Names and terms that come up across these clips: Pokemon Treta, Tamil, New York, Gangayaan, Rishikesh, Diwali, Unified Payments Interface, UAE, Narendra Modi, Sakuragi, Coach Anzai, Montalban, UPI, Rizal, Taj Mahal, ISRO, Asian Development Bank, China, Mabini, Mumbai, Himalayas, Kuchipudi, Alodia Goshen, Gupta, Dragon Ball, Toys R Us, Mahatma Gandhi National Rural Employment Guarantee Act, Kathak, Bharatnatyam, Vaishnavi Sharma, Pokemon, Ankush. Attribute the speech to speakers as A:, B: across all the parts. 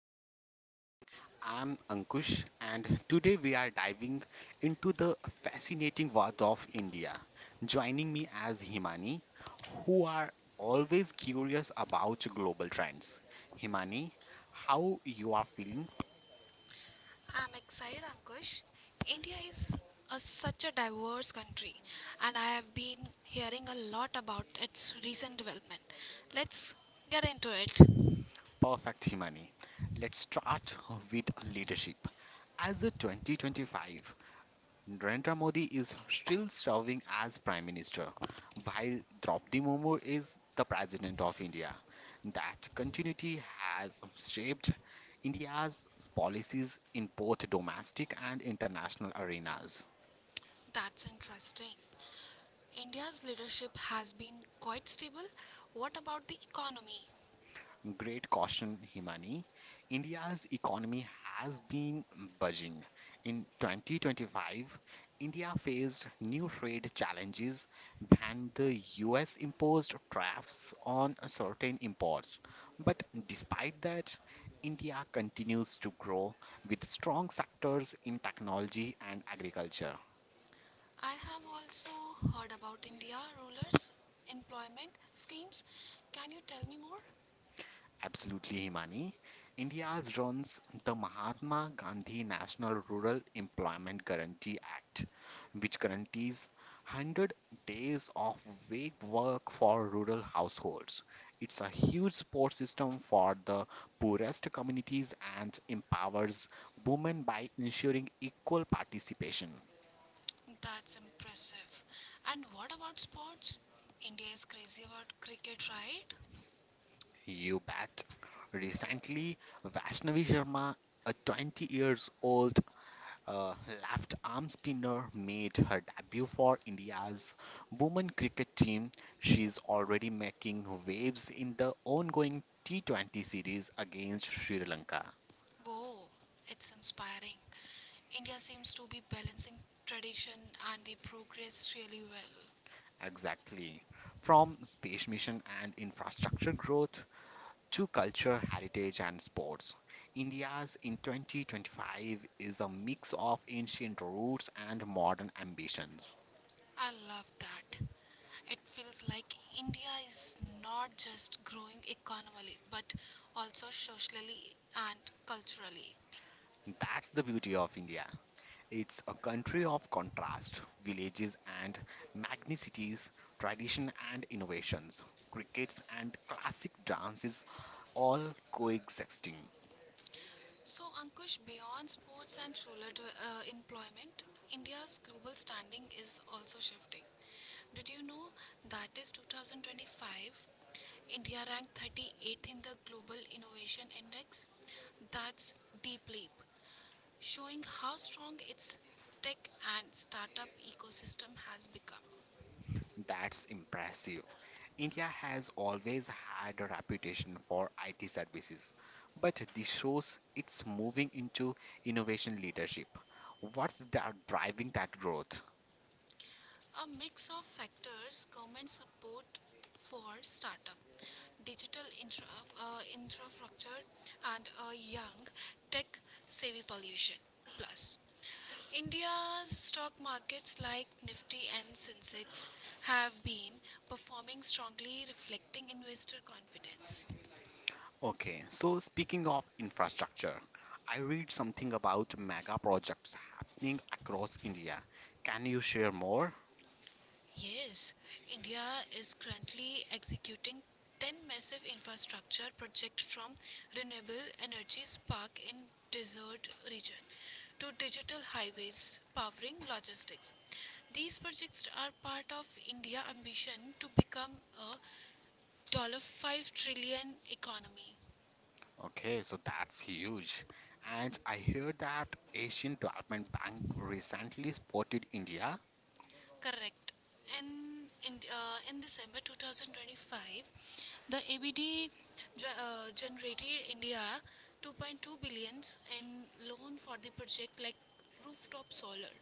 A: back to our show. I'm Ankush, and today we are diving into the fascinating world of India. Joining me as Himani, who are always curious about global trends. Himani, how you are feeling?
B: I'm excited, Ankush. India is such a diverse country, and I have been hearing a lot about its recent development. Let's get into it.
A: Perfect, Himani. Let's start with leadership. As a 2025, Narendra Modi is still serving as Prime Minister, while Draupadi Murmu is the President of India. That continuity has shaped India's policies in both domestic and international arenas.
B: That's interesting. India's leadership has been quite stable. What about the economy?
A: Great caution, Himani. India's economy has been budging. In 2025, India faced new trade challenges and the US imposed tariffs on certain imports. But despite that, India continues to grow with strong sectors in technology and agriculture.
B: I have also heard about India rulers' employment schemes. Can you tell me more?
A: Absolutely, Himani. India's runs the Mahatma Gandhi National Rural Employment Guarantee Act, which guarantees 100 days of wage work for rural households. It's a huge support system for the poorest communities and empowers women by ensuring equal participation.
B: That's impressive. And what about sports? India is crazy about cricket, right?
A: You bet. Recently, Vaishnavi Sharma, a 20 years old Uh, left arm spinner made her debut for India's women cricket team. She's already making waves in the ongoing T20 series against Sri Lanka.
B: Whoa, it's inspiring. India seems to be balancing tradition and the progress really well.
A: Exactly. From space mission and infrastructure growth to culture, heritage, and sports, India's in 2025 is a mix of ancient roots and modern ambitions.
B: I love that. It feels like India is not just growing economically but also socially and culturally.
A: That's the beauty of India. It's a country of contrast, villages and magnicities, tradition and innovations, crickets and classic dances all coexisting.
B: So, Ankush, beyond sports and employment, India's global standing is also shifting. Did you know that is 2025? India ranked 38th in the Global Innovation Index. That's deep leap, showing how strong its tech and startup ecosystem has become.
A: That's impressive. India has always had a reputation for IT services, but this shows it's moving into innovation leadership. What's that driving that growth?
B: A mix of factors: government support for startup, digital infrastructure, and a young tech savvy pollution. Plus, India's stock markets like Nifty and Sensex have been performing strongly, reflecting investor confidence.
A: Okay, so speaking of infrastructure, I read something about mega projects happening across India. Can you share more?
B: Yes, India is currently executing 10 massive infrastructure projects, from renewable energies park in desert region to digital highways powering logistics. These projects are part of India ambition to become a $5 trillion economy.
A: Okay, so that's huge. And I hear that Asian Development Bank recently spotted India.
B: Correct. And in December 2025, the ABD generated India 2.2 billions in loan for the project like rooftop solar,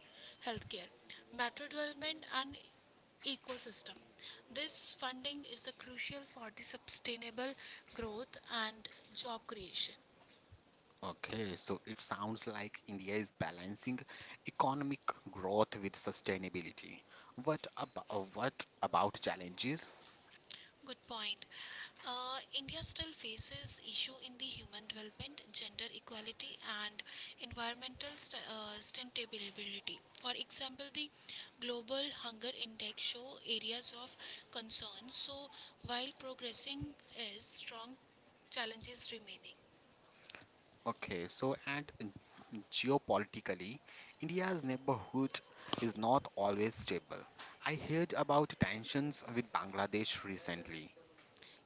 B: healthcare, better development, and ecosystem. This funding is the crucial for the sustainable growth and job creation.
A: Okay, so it sounds like India is balancing economic growth with sustainability. What about challenges?
B: Good point. India still faces issue in the human development, gender equality, and environmental sustainability. For example, the Global Hunger Index show areas of concern. So, while progressing is strong, challenges remaining.
A: Okay, so and geopolitically, India's neighborhood is not always stable. I heard about tensions with Bangladesh recently.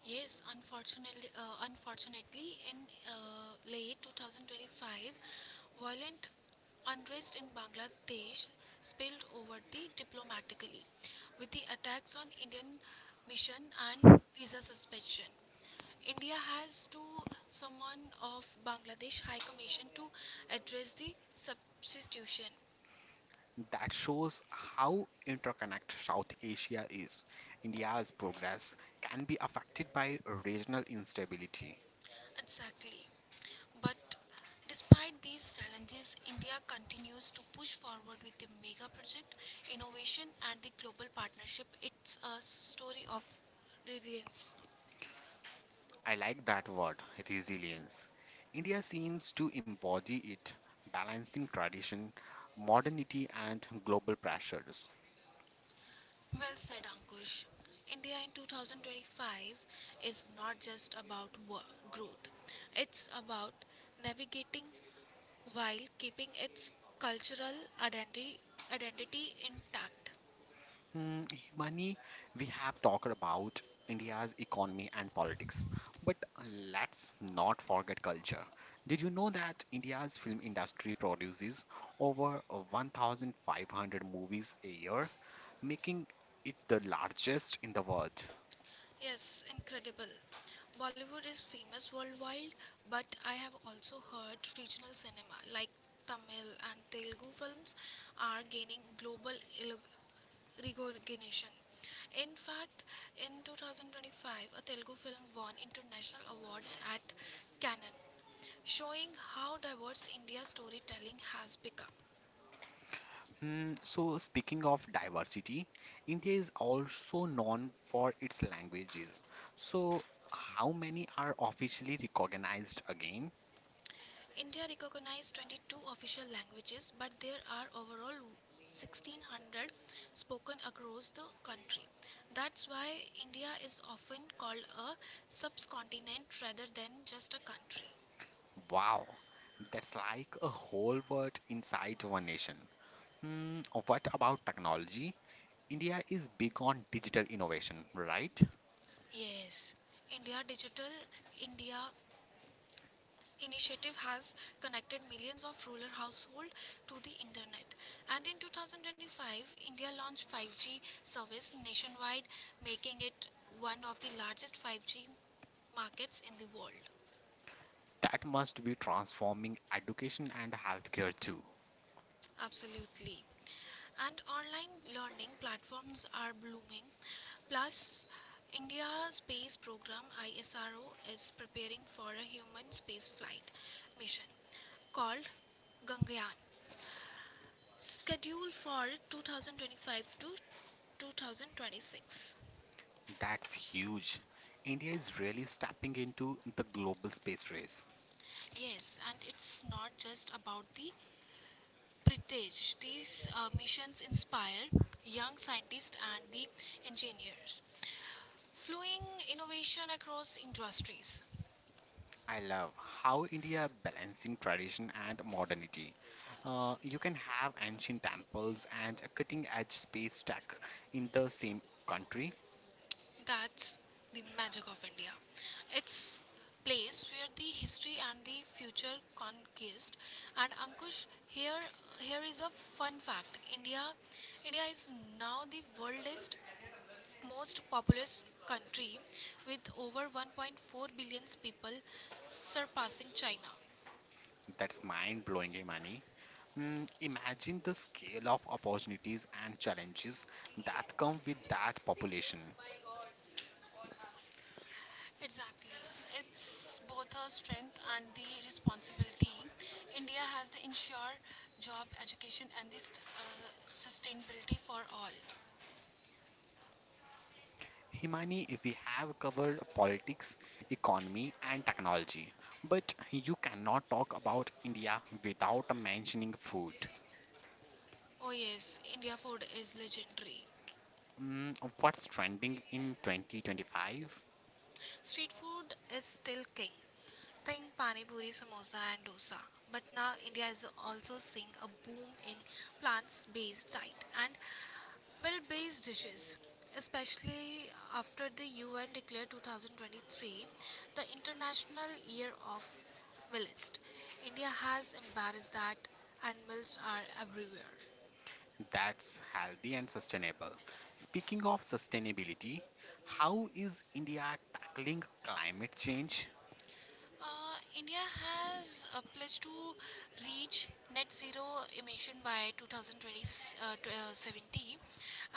B: Yes, unfortunately, in late 2025, violent unrest in Bangladesh spilled over the diplomatically, with the attacks on Indian mission and visa suspension. India has to summon of Bangladesh High Commission to address the substitution.
A: That shows how interconnected South Asia is. India's progress can be affected by regional instability.
B: Exactly. But despite these challenges, India continues to push forward with the mega project, innovation, and the global partnership. It's a story of resilience.
A: I like that word, resilience. India seems to embody it, balancing tradition, modernity, and global pressures.
B: Well said, Ankush. India in 2025 is not just about growth, it's about navigating while keeping its cultural identity, identity intact.
A: Mm, Money, we have talked about India's economy and politics, but let's not forget culture. Did you know that India's film industry produces over 1,500 movies a year, making it the largest in the world?
B: Yes, incredible. Bollywood is famous worldwide, but I have also heard regional cinema like Tamil and Telugu films are gaining global elo- recognition. In fact, in 2025, a Telugu film won international awards at Cannes, showing how diverse India's storytelling has become.
A: So, speaking of diversity, India is also known for its languages. So, how many are officially recognized again?
B: India recognized 22 official languages, but there are overall 1600 spoken across the country. That's why India is often called a subcontinent rather than just a country.
A: Wow, that's like a whole world inside one nation. Hmm, what about technology? India is big on digital innovation, right?
B: Yes, India Digital India initiative has connected millions of rural households to the internet, and in 2025 India launched 5G service nationwide, making it one of the largest 5G markets in the world.
A: That must be transforming education and healthcare too.
B: Absolutely. And online learning platforms are blooming. Plus, India space program ISRO is preparing for a human space flight mission called Gangayaan, schedule for 2025 to 2026.
A: That's huge. India is really stepping into the global space race.
B: Yes, and it's not just about the prestige. These missions inspire young scientists and the engineers, flowing innovation across industries.
A: I love how India balancing tradition and modernity. You can have ancient temples and cutting edge space tech in the same country.
B: That's the magic of India. It's place where the history and the future conquest. And Ankush, here is a fun fact. India is now the world's most populous country, with over 1.4 billion people, surpassing China.
A: That's mind-blowing, Imani. Imagine the scale of opportunities and challenges that come with that population.
B: Exactly. It's both a strength and the responsibility. India has to ensure job, education, and this uh, sustainability for all.
A: Himani, we have covered politics, economy, and technology, but you cannot talk about India without mentioning food.
B: Oh, yes, India food is legendary.
A: What's trending in 2025?
B: Street food is still king. Think pani puri, samosa, and dosa. But now India is also seeing a boom in plants-based diet and milk-based dishes. Especially after the UN declared 2023 the International Year of Millets. India has embraced that, and millets are everywhere.
A: That's healthy and sustainable. Speaking of sustainability, how is India tackling climate change?
B: India has a pledge to reach net zero emission by 70,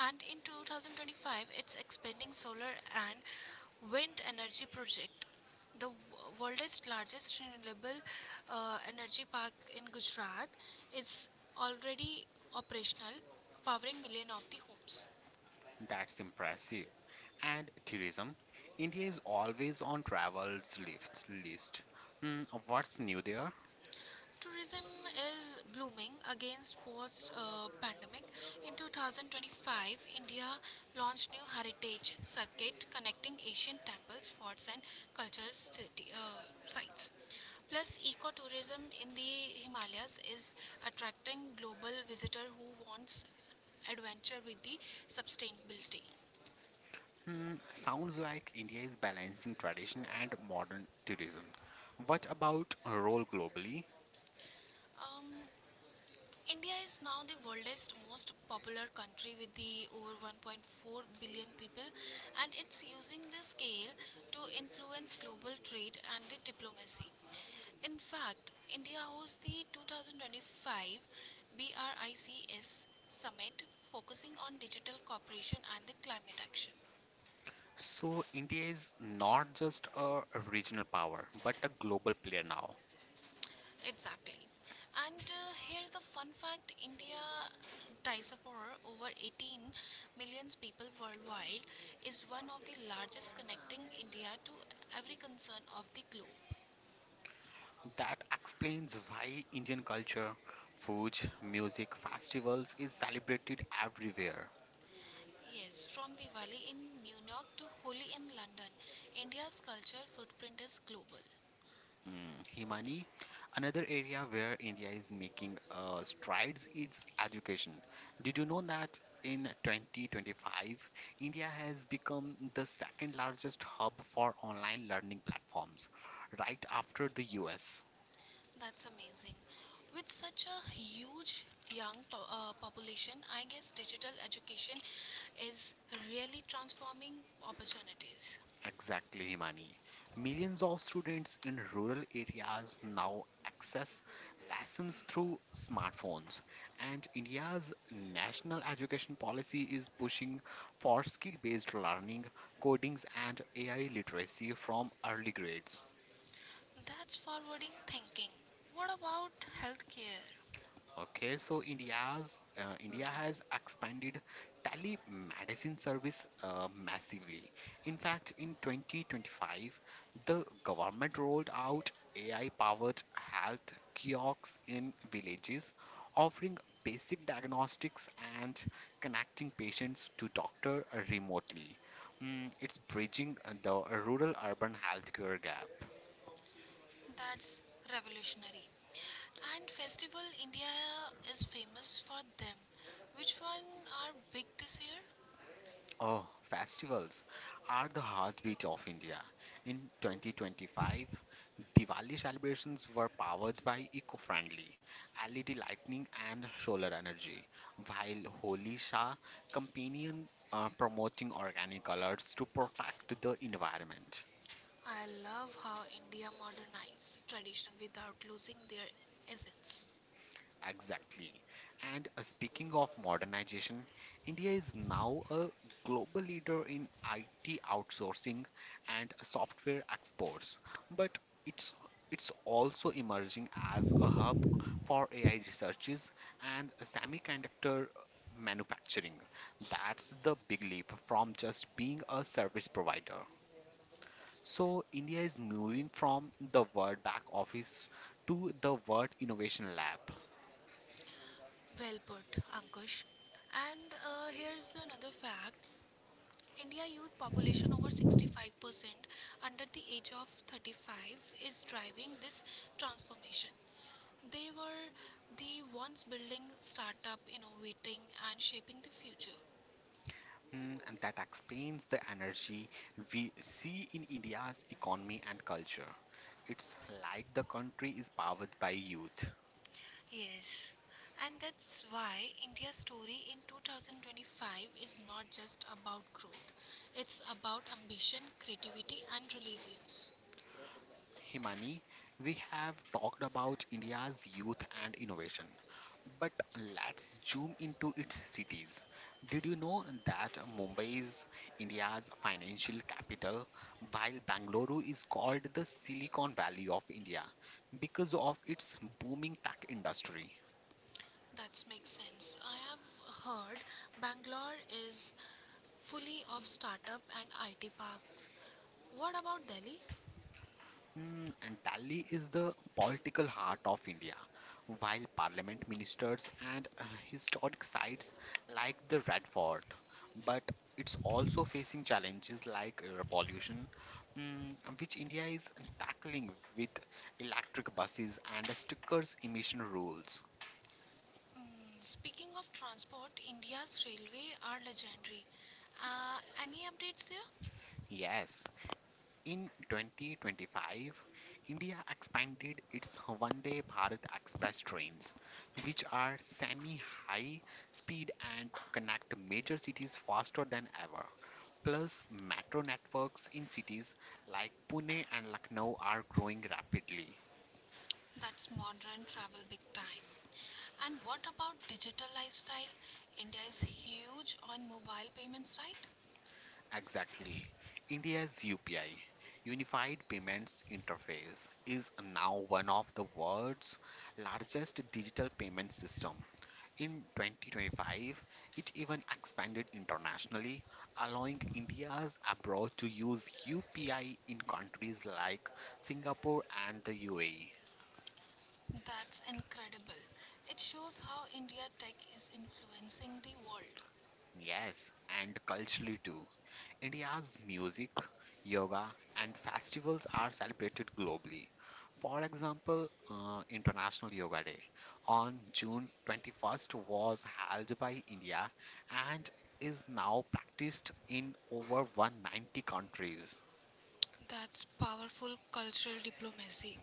B: and in 2025 it's expanding solar and wind energy project. The w- world's largest renewable energy park in Gujarat is already operational, powering million of the homes.
A: That's impressive. And tourism. India is always on travels lifts list. What's new there?
B: Tourism is blooming against post pandemic. In 2025, India launched new heritage circuit connecting Asian temples, forts and sites. Plus ecotourism in the Himalayas is attracting global visitor who wants adventure with the sustainability.
A: Sounds like India is balancing tradition and modern tourism. What about a role globally?
B: Um, India is now the world's most popular country with the over 1.4 billion people, and it's using the scale to influence global trade and the diplomacy. In fact, India hosts the 2025 BRICS summit focusing on digital cooperation and the climate action.
A: So India is not just a regional power, but a global player now.
B: Exactly. And here's the fun fact. India diaspora, over 18 million people worldwide, is one of the largest, connecting India to every concern of the globe.
A: That explains why Indian culture, food, music, festivals is celebrated everywhere.
B: Yes, from Diwali in New York to Holi in London, India's culture footprint is global.
A: Mm, Himani, another area where India is making strides is education. Did you know that in 2025, India has become the second largest hub for online learning platforms, right after the US?
B: That's amazing. With such a huge population, I guess digital education is really transforming opportunities.
A: Exactly, Himani. Millions of students in rural areas now access lessons through smartphones, and India's national education policy is pushing for skill-based learning, codings, and AI literacy from early grades.
B: That's forwarding thinking. What about healthcare?
A: Okay, so India has expanded telemedicine service massively. In fact, in 2025, the government rolled out AI-powered health kiosks in villages, offering basic diagnostics and connecting patients to doctor remotely. It's bridging the rural-urban healthcare gap.
B: That's revolutionary. And Festival India is famous for them. Which one are big this year?
A: Oh, festivals are the heartbeat of India. In 2025, Diwali celebrations were powered by eco-friendly LED lighting and solar energy, while Holi saw companion promoting organic colors to protect the environment.
B: I love how India modernized tradition without losing their essence.
A: Exactly. And speaking of modernization, India is now a global leader in IT outsourcing and software exports, but it's it's also emerging as a hub for AI researches and semiconductor manufacturing. That's the big leap from just being a service provider. So India is moving from the word back office to the word innovation lab.
B: Well put, Ankush. And here's another fact: India youth population over 65% under the age of 35 is driving this transformation. They were the ones building startup, innovating and shaping the future.
A: And that explains the energy we see in India's economy and culture. It's like the country is powered by youth.
B: Yes. And that's why India's story in 2025 is not just about growth. It's about ambition, creativity and resilience.
A: Himani, we have talked about India's youth and innovation, but let's zoom into its cities. Did you know that Mumbai is India's financial capital, while Bangalore is called the Silicon Valley of India because of its booming tech industry?
B: That makes sense. I have heard Bangalore is fully of startup and IT parks. What about Delhi?
A: And Delhi is the political heart of India, while parliament ministers and historic sites like the Red Fort. But it's also facing challenges like air pollution, which India is tackling with electric buses and stricter emission rules.
B: Mm, Speaking of transport, India's railway are legendary. Uh, any updates there?
A: Yes. In 2025, India expanded its Vande Bharat Express trains, which are semi-high speed and connect major cities faster than ever. Plus, metro networks in cities like Pune and Lucknow are growing rapidly.
B: That's modern travel big time. And what about digital lifestyle? India is huge on mobile payments, right?
A: Exactly. India's UPI, Unified Payments Interface, is now one of the world's largest digital payment system. In 2025, it even expanded internationally, allowing India's abroad to use UPI in countries like Singapore and the UAE.
B: That's incredible. It shows how India tech is influencing the world.
A: Yes, and culturally too. India's music, yoga, and festivals are celebrated globally. For example, International Yoga Day on June 21st was held by India and is now practiced in over 190 countries.
B: That's powerful cultural diplomacy.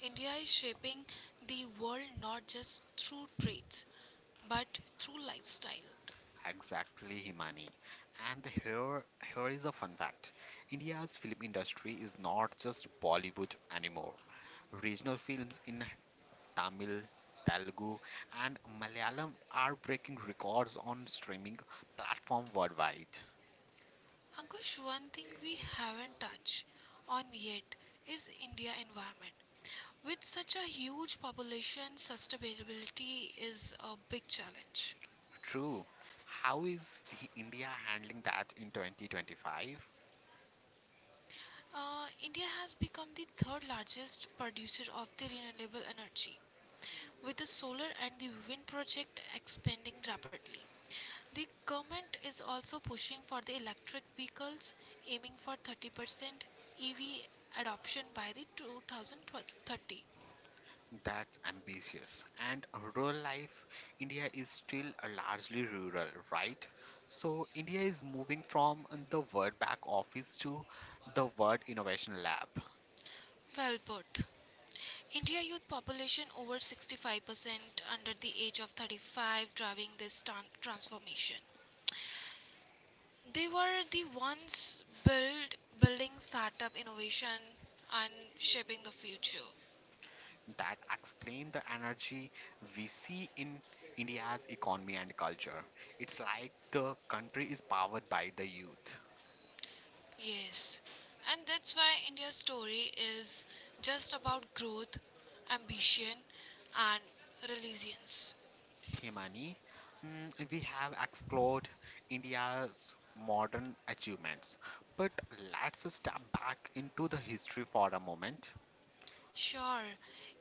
B: India is shaping the world not just through trades, but through lifestyle.
A: Exactly, Himani. And here, here is a fun fact. India's film industry is not just Bollywood anymore. Regional films in Tamil, Telugu, and Malayalam are breaking records on streaming platform worldwide.
B: Ankush, one thing we haven't touched on yet is India environment. With such a huge population, sustainability is a big challenge.
A: True. How is India handling that in 2025?
B: India has become the third largest producer of the renewable energy, with the solar and the wind project expanding rapidly. The government is also pushing for the electric vehicles, aiming for 30% EV adoption by the 2030.
A: That's ambitious. And rural life, India is still a largely rural, right? So India is moving from the word back office to the word innovation lab.
B: Well put. India youth population over 65% under the age of 35 driving this transformation. They were the ones building startup innovation and shaping the future.
A: That explain the energy we see in India's economy and culture. It's like the country is powered by the youth.
B: Yes. And that's why India's story is just about growth, ambition and resilience.
A: Himani, we have explored India's modern achievements, but let's step back into the history for a moment.
B: Sure,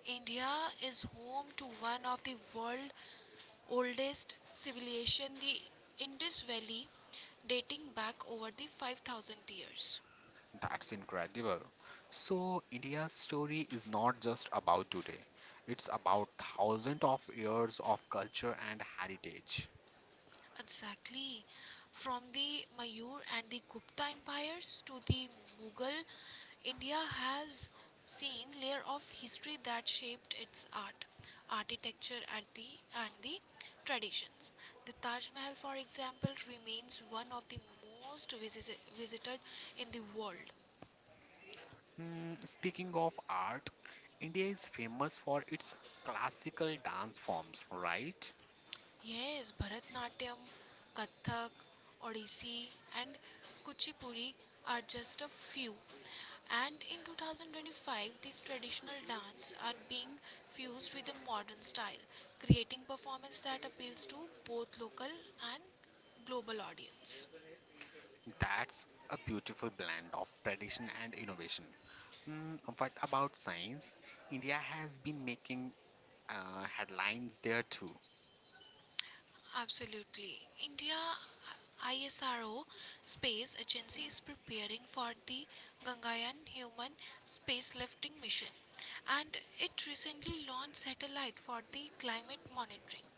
B: India is home to one of the world's oldest civilization, the Indus Valley, dating back over the 5000 years.
A: That's incredible. So, India's story is not just about today, it's about thousands of years of culture and heritage.
B: Exactly. From the Mayur and the Gupta empires to the Mughal, India has seen layer of history that shaped its art, architecture and the traditions. The Taj Mahal for example remains one of the most visited in the world.
A: Speaking of art, India is famous for its classical dance forms, right?
B: Yes, Bharatnatyam, Kathak, Odissi, and Kuchipudi are just a few. And in 2025, these traditional dance are being fused with a modern style, creating performance that appeals to both local and global audience.
A: That's a beautiful blend of tradition and innovation. What about science? India has been making headlines there too.
B: Absolutely. India ISRO Space Agency is preparing for the Gangayaan human spacelifting mission, and it recently launched satellite for the climate monitoring.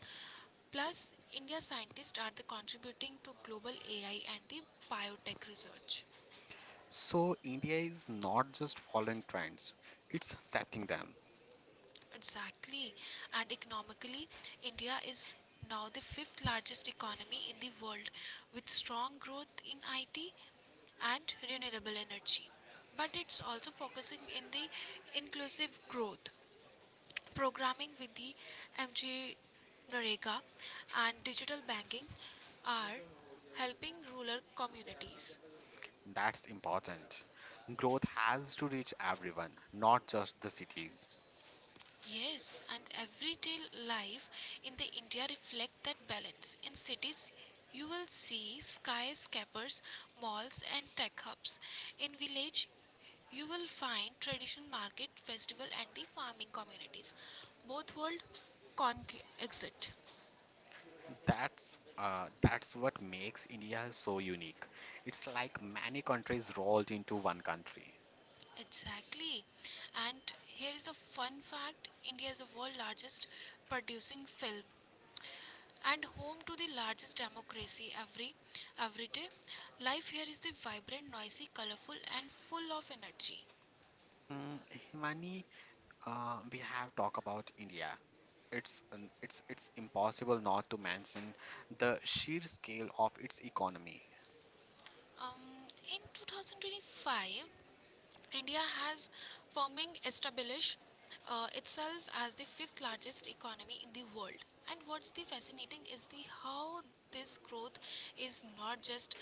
B: Plus, India scientists are the contributing to global AI and the biotech research.
A: So, India is not just following trends, it's setting them.
B: Exactly. And economically, India is now the fifth largest economy in the world, with strong growth in IT and renewable energy. But it's also focusing in the inclusive growth, programming with the MG Narega and digital banking are helping rural communities.
A: That's important. Growth has to reach everyone, not just the cities.
B: Yes, and everyday life in the India reflect that balance. In cities, you will see skyscrapers, malls and tech hubs. In village, you will find traditional market, festival and the farming communities. Both world exit.
A: That's what makes India so unique. It's like many countries rolled into one country.
B: Exactly. And here is a fun fact: India is the world largest producing film and home to the largest democracy. Every day life here is the vibrant, noisy, colorful and full of energy.
A: Mm, Himani, we have talked about India, it's an- it's impossible not to mention the sheer scale of its economy.
B: um, in 2025 India has forming established itself as the fifth largest economy in the world. And what's the fascinating is the how this growth is not just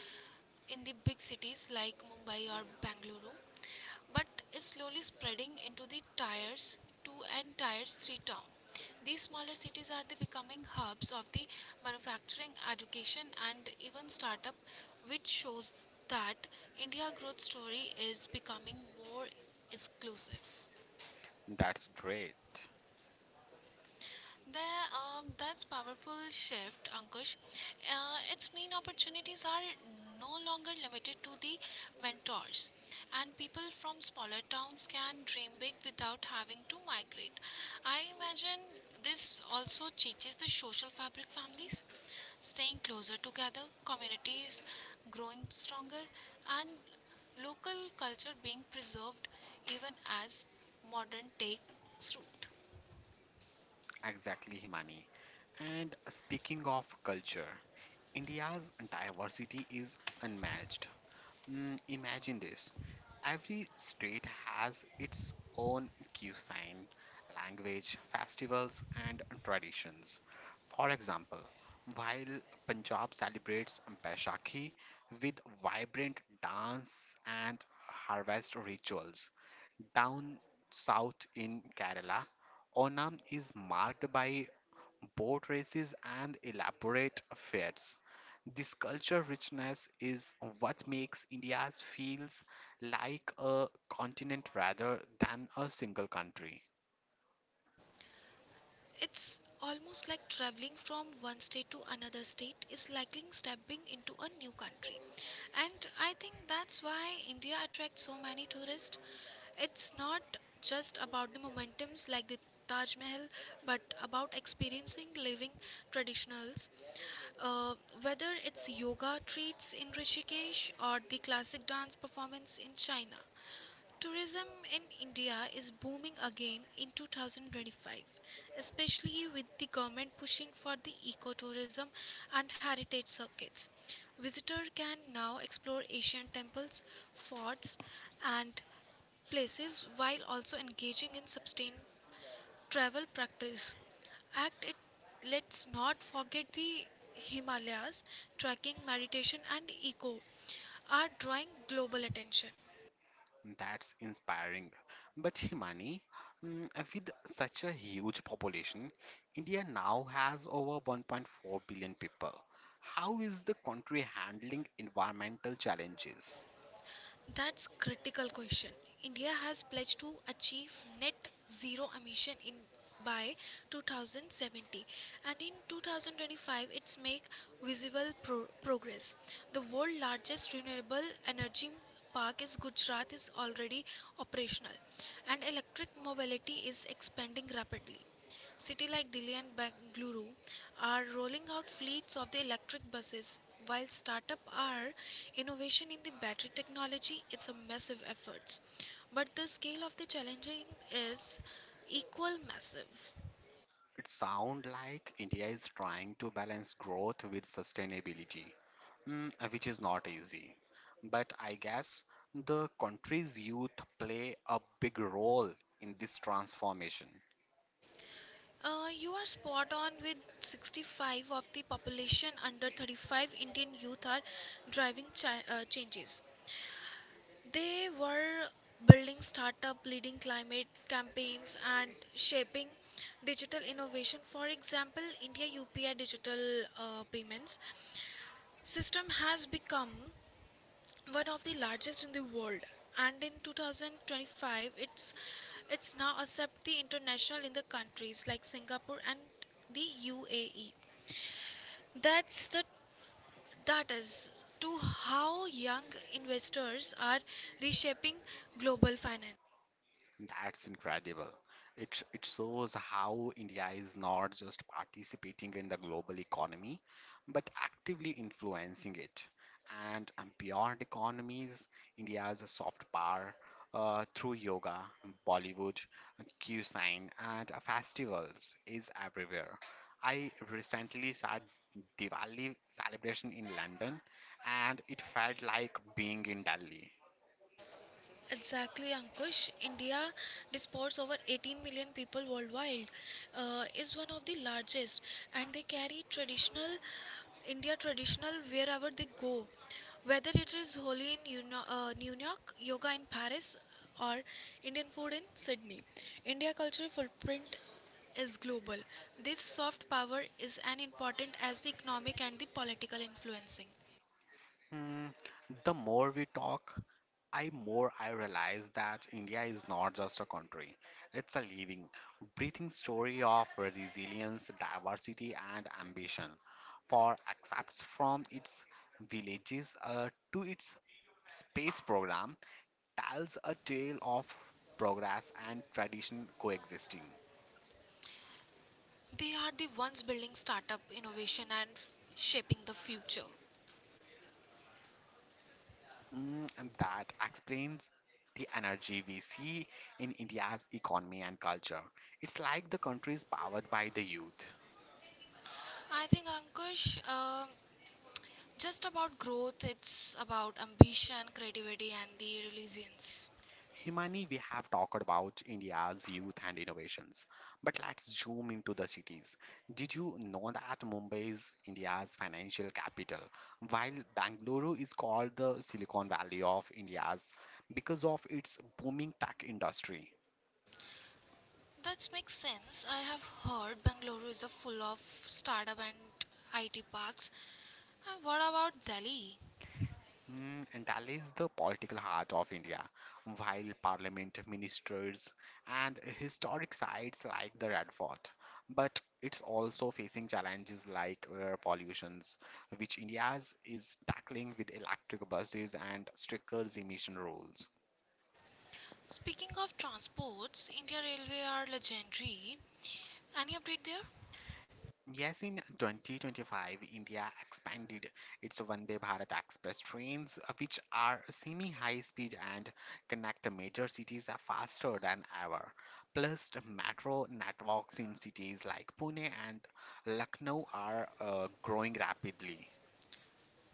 B: in the big cities like Mumbai or Bangalore, but is slowly spreading into the tiers 2 and tiers 3 town. These smaller cities are the becoming hubs of the manufacturing, education and even startup, which shows that India growth story is becoming more exclusive.
A: That's great.
B: That's powerful shift, Ankush. It's main opportunities are no longer limited to the mentors, and people from smaller towns can dream big without having to migrate. I imagine this also changes the social fabric families, staying closer together, communities growing stronger, and local culture being preserved even as modern takes root.
A: Exactly, Himani. And speaking of culture, India's diversity is unmatched. Imagine this. Every state has its own cuisine, language, festivals, and traditions. For example, while Punjab celebrates Baishakhi with vibrant dance and harvest rituals, down south in Kerala, Onam is marked by boat races and elaborate fairs. This culture richness is what makes India's feels like a continent rather than a single country.
B: It's almost like traveling from one state to another state is like stepping into a new country. And I think that's why India attracts so many tourists. It's not just about the momentums like the Taj Mahal, but about experiencing living traditionals. Uh, whether it's yoga treats in Rishikesh or the classic dance performance in China. Tourism in India is booming again in 2025, especially with the government pushing for the ecotourism and heritage circuits. Visitor can now explore ancient temples, forts, and places while also engaging in sustained travel practice. Act it, let's not forget the Himalayas, trekking, meditation and eco are drawing global attention.
A: That's inspiring. But Himani, with such a huge population, India now has over 1.4 billion people. How is the country handling environmental challenges?
B: That's critical question. India has pledged to achieve net zero emission in by 2070, and in 2025 it's make visible progress. The world largest renewable energy park is Gujarat is already operational, and electric mobility is expanding rapidly. Cities like Delhi and Bangalore are rolling out fleets of the electric buses, while startup are innovation in the battery technology. It's a massive effort, but the scale of the challenging is equal massive.
A: It sounds like India is trying to balance growth with sustainability. Which is not easy. But I guess the country's youth play a big role in this transformation.
B: You are spot on. With 65 of the population under 35, Indian youth are driving changes. They were building startup, leading climate campaigns, and shaping digital innovation. For example, India UPI digital payments system has become one of the largest in the world, and in 2025, it's now accept the international in the countries like Singapore and the UAE. That's the that is to how young investors are reshaping global finance.
A: That's incredible. It shows how India is not just participating in the global economy, but actively influencing it. And beyond economies, India has a soft power through yoga, Bollywood, cuisine, and festivals is everywhere. I recently saw Diwali celebration in London, and it felt like being in Delhi.
B: Exactly, Ankush. India disports over 18 million people worldwide, is one of the largest, and they carry traditional wherever they go, whether it is Holi in New York, yoga in Paris, or Indian food in Sydney. India cultural footprint is global. This soft power is as important as the economic and the political influencing.
A: Hmm, the more we talk, I more I realize that India is not just a country. It's a living, breathing story of resilience, diversity and ambition. For accepts from its villages to its space program tells a tale of progress and tradition coexisting.
B: They are the ones building startup innovation and shaping the future.
A: And that explains the energy we see in India's economy and culture. It's like the country is powered by the youth.
B: I think Ankush, just about growth, it's about ambition, creativity, and the resilience.
A: Himani, we have talked about India's youth and innovations, but let's zoom into the cities. Did you know that Mumbai is India's financial capital, while Bangalore is called the Silicon Valley of India's because of its booming tech industry?
B: That makes sense. I have heard Bangalore is a full of startup and IT parks. And what about Delhi?
A: And Dal is the political heart of India. While parliament, ministers, and historic sites like the Red Fort, but it's also facing challenges like air pollutions, which India is tackling with electric buses and stricter emission rules.
B: Speaking of transports, India Railway are legendary. Any update there?
A: Yes, in 2025, India expanded its Vande Bharat Express trains, which are semi-high speed and connect major cities faster than ever. Plus, the metro networks in cities like Pune and Lucknow are growing rapidly.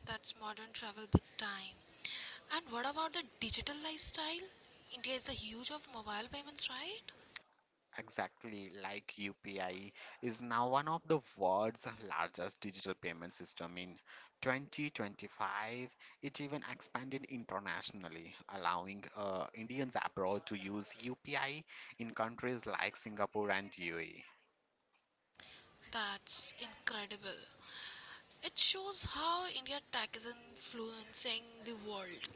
B: That's modern travel big time. And what about the digital lifestyle? India is the huge of mobile payments, right?
A: Exactly, like UPI is now one of the world's largest digital payment system in 2025. It even expanded internationally, allowing Indians abroad to use UPI in countries like Singapore and UAE.
B: That's incredible. It shows how India tech is influencing the world.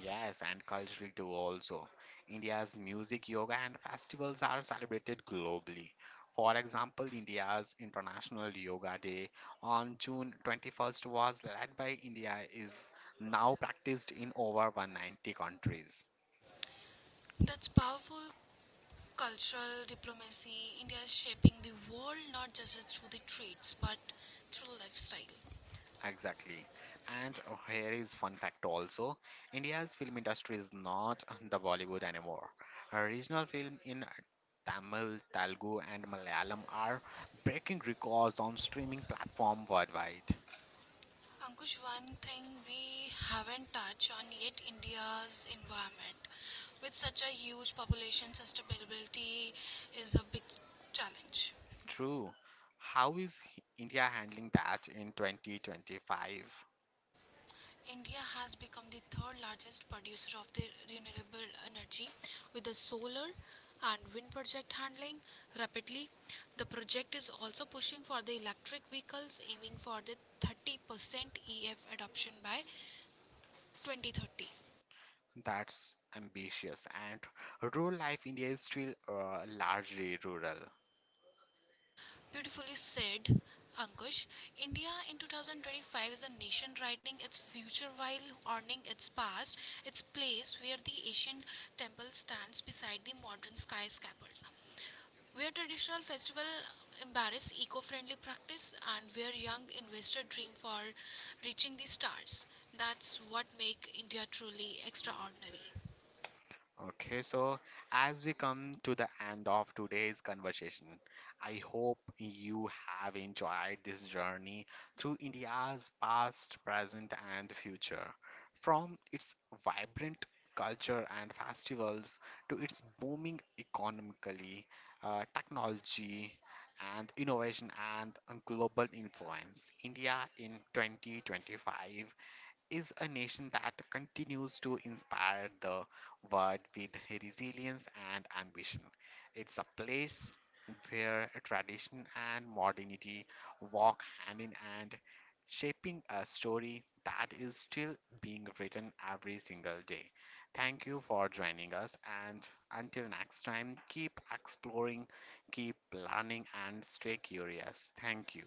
A: Yes, and culturally too also. India's music, yoga, and festivals are celebrated globally. For example, India's International Yoga Day on June 21st was led by India is now practiced in over 190 countries.
B: That's powerful cultural diplomacy. India is shaping the world not just through the trades but through lifestyle.
A: Exactly. And here is fun fact also. India's film industry is not the Bollywood anymore. Regional film in Tamil, Telugu and Malayalam are breaking records on streaming platform worldwide.
B: Ankush, one thing we haven't touched on yet India's environment. With such a huge population, sustainability is a big challenge.
A: True. How is India handling that in 2025?
B: India has become the third largest producer of the renewable energy with the solar and wind project handling rapidly. The project is also pushing for the electric vehicles aiming for the 30% EF adoption by 2030.
A: That's ambitious and rural life India is still largely rural.
B: Beautifully said. Ankush, India in 2025 is a nation riding its future while honoring its past, its place where the Asian temple stands beside the modern skyscrapers. Where traditional festival embrace eco-friendly practice and where young investor dream for reaching the stars. That's what make India truly extraordinary.
A: Okay, so as we come to the end of today's conversation, I hope you have enjoyed this journey through India's past, present, and future. From its vibrant culture and festivals to its booming economically, technology, and innovation and global influence, India in 2025 is a nation that continues to inspire the world with resilience and ambition. It's a place where tradition and modernity walk hand in hand, shaping a story that is still being written every single day. Thank you for joining us, and until next time, keep exploring, keep learning, and stay curious. Thank you.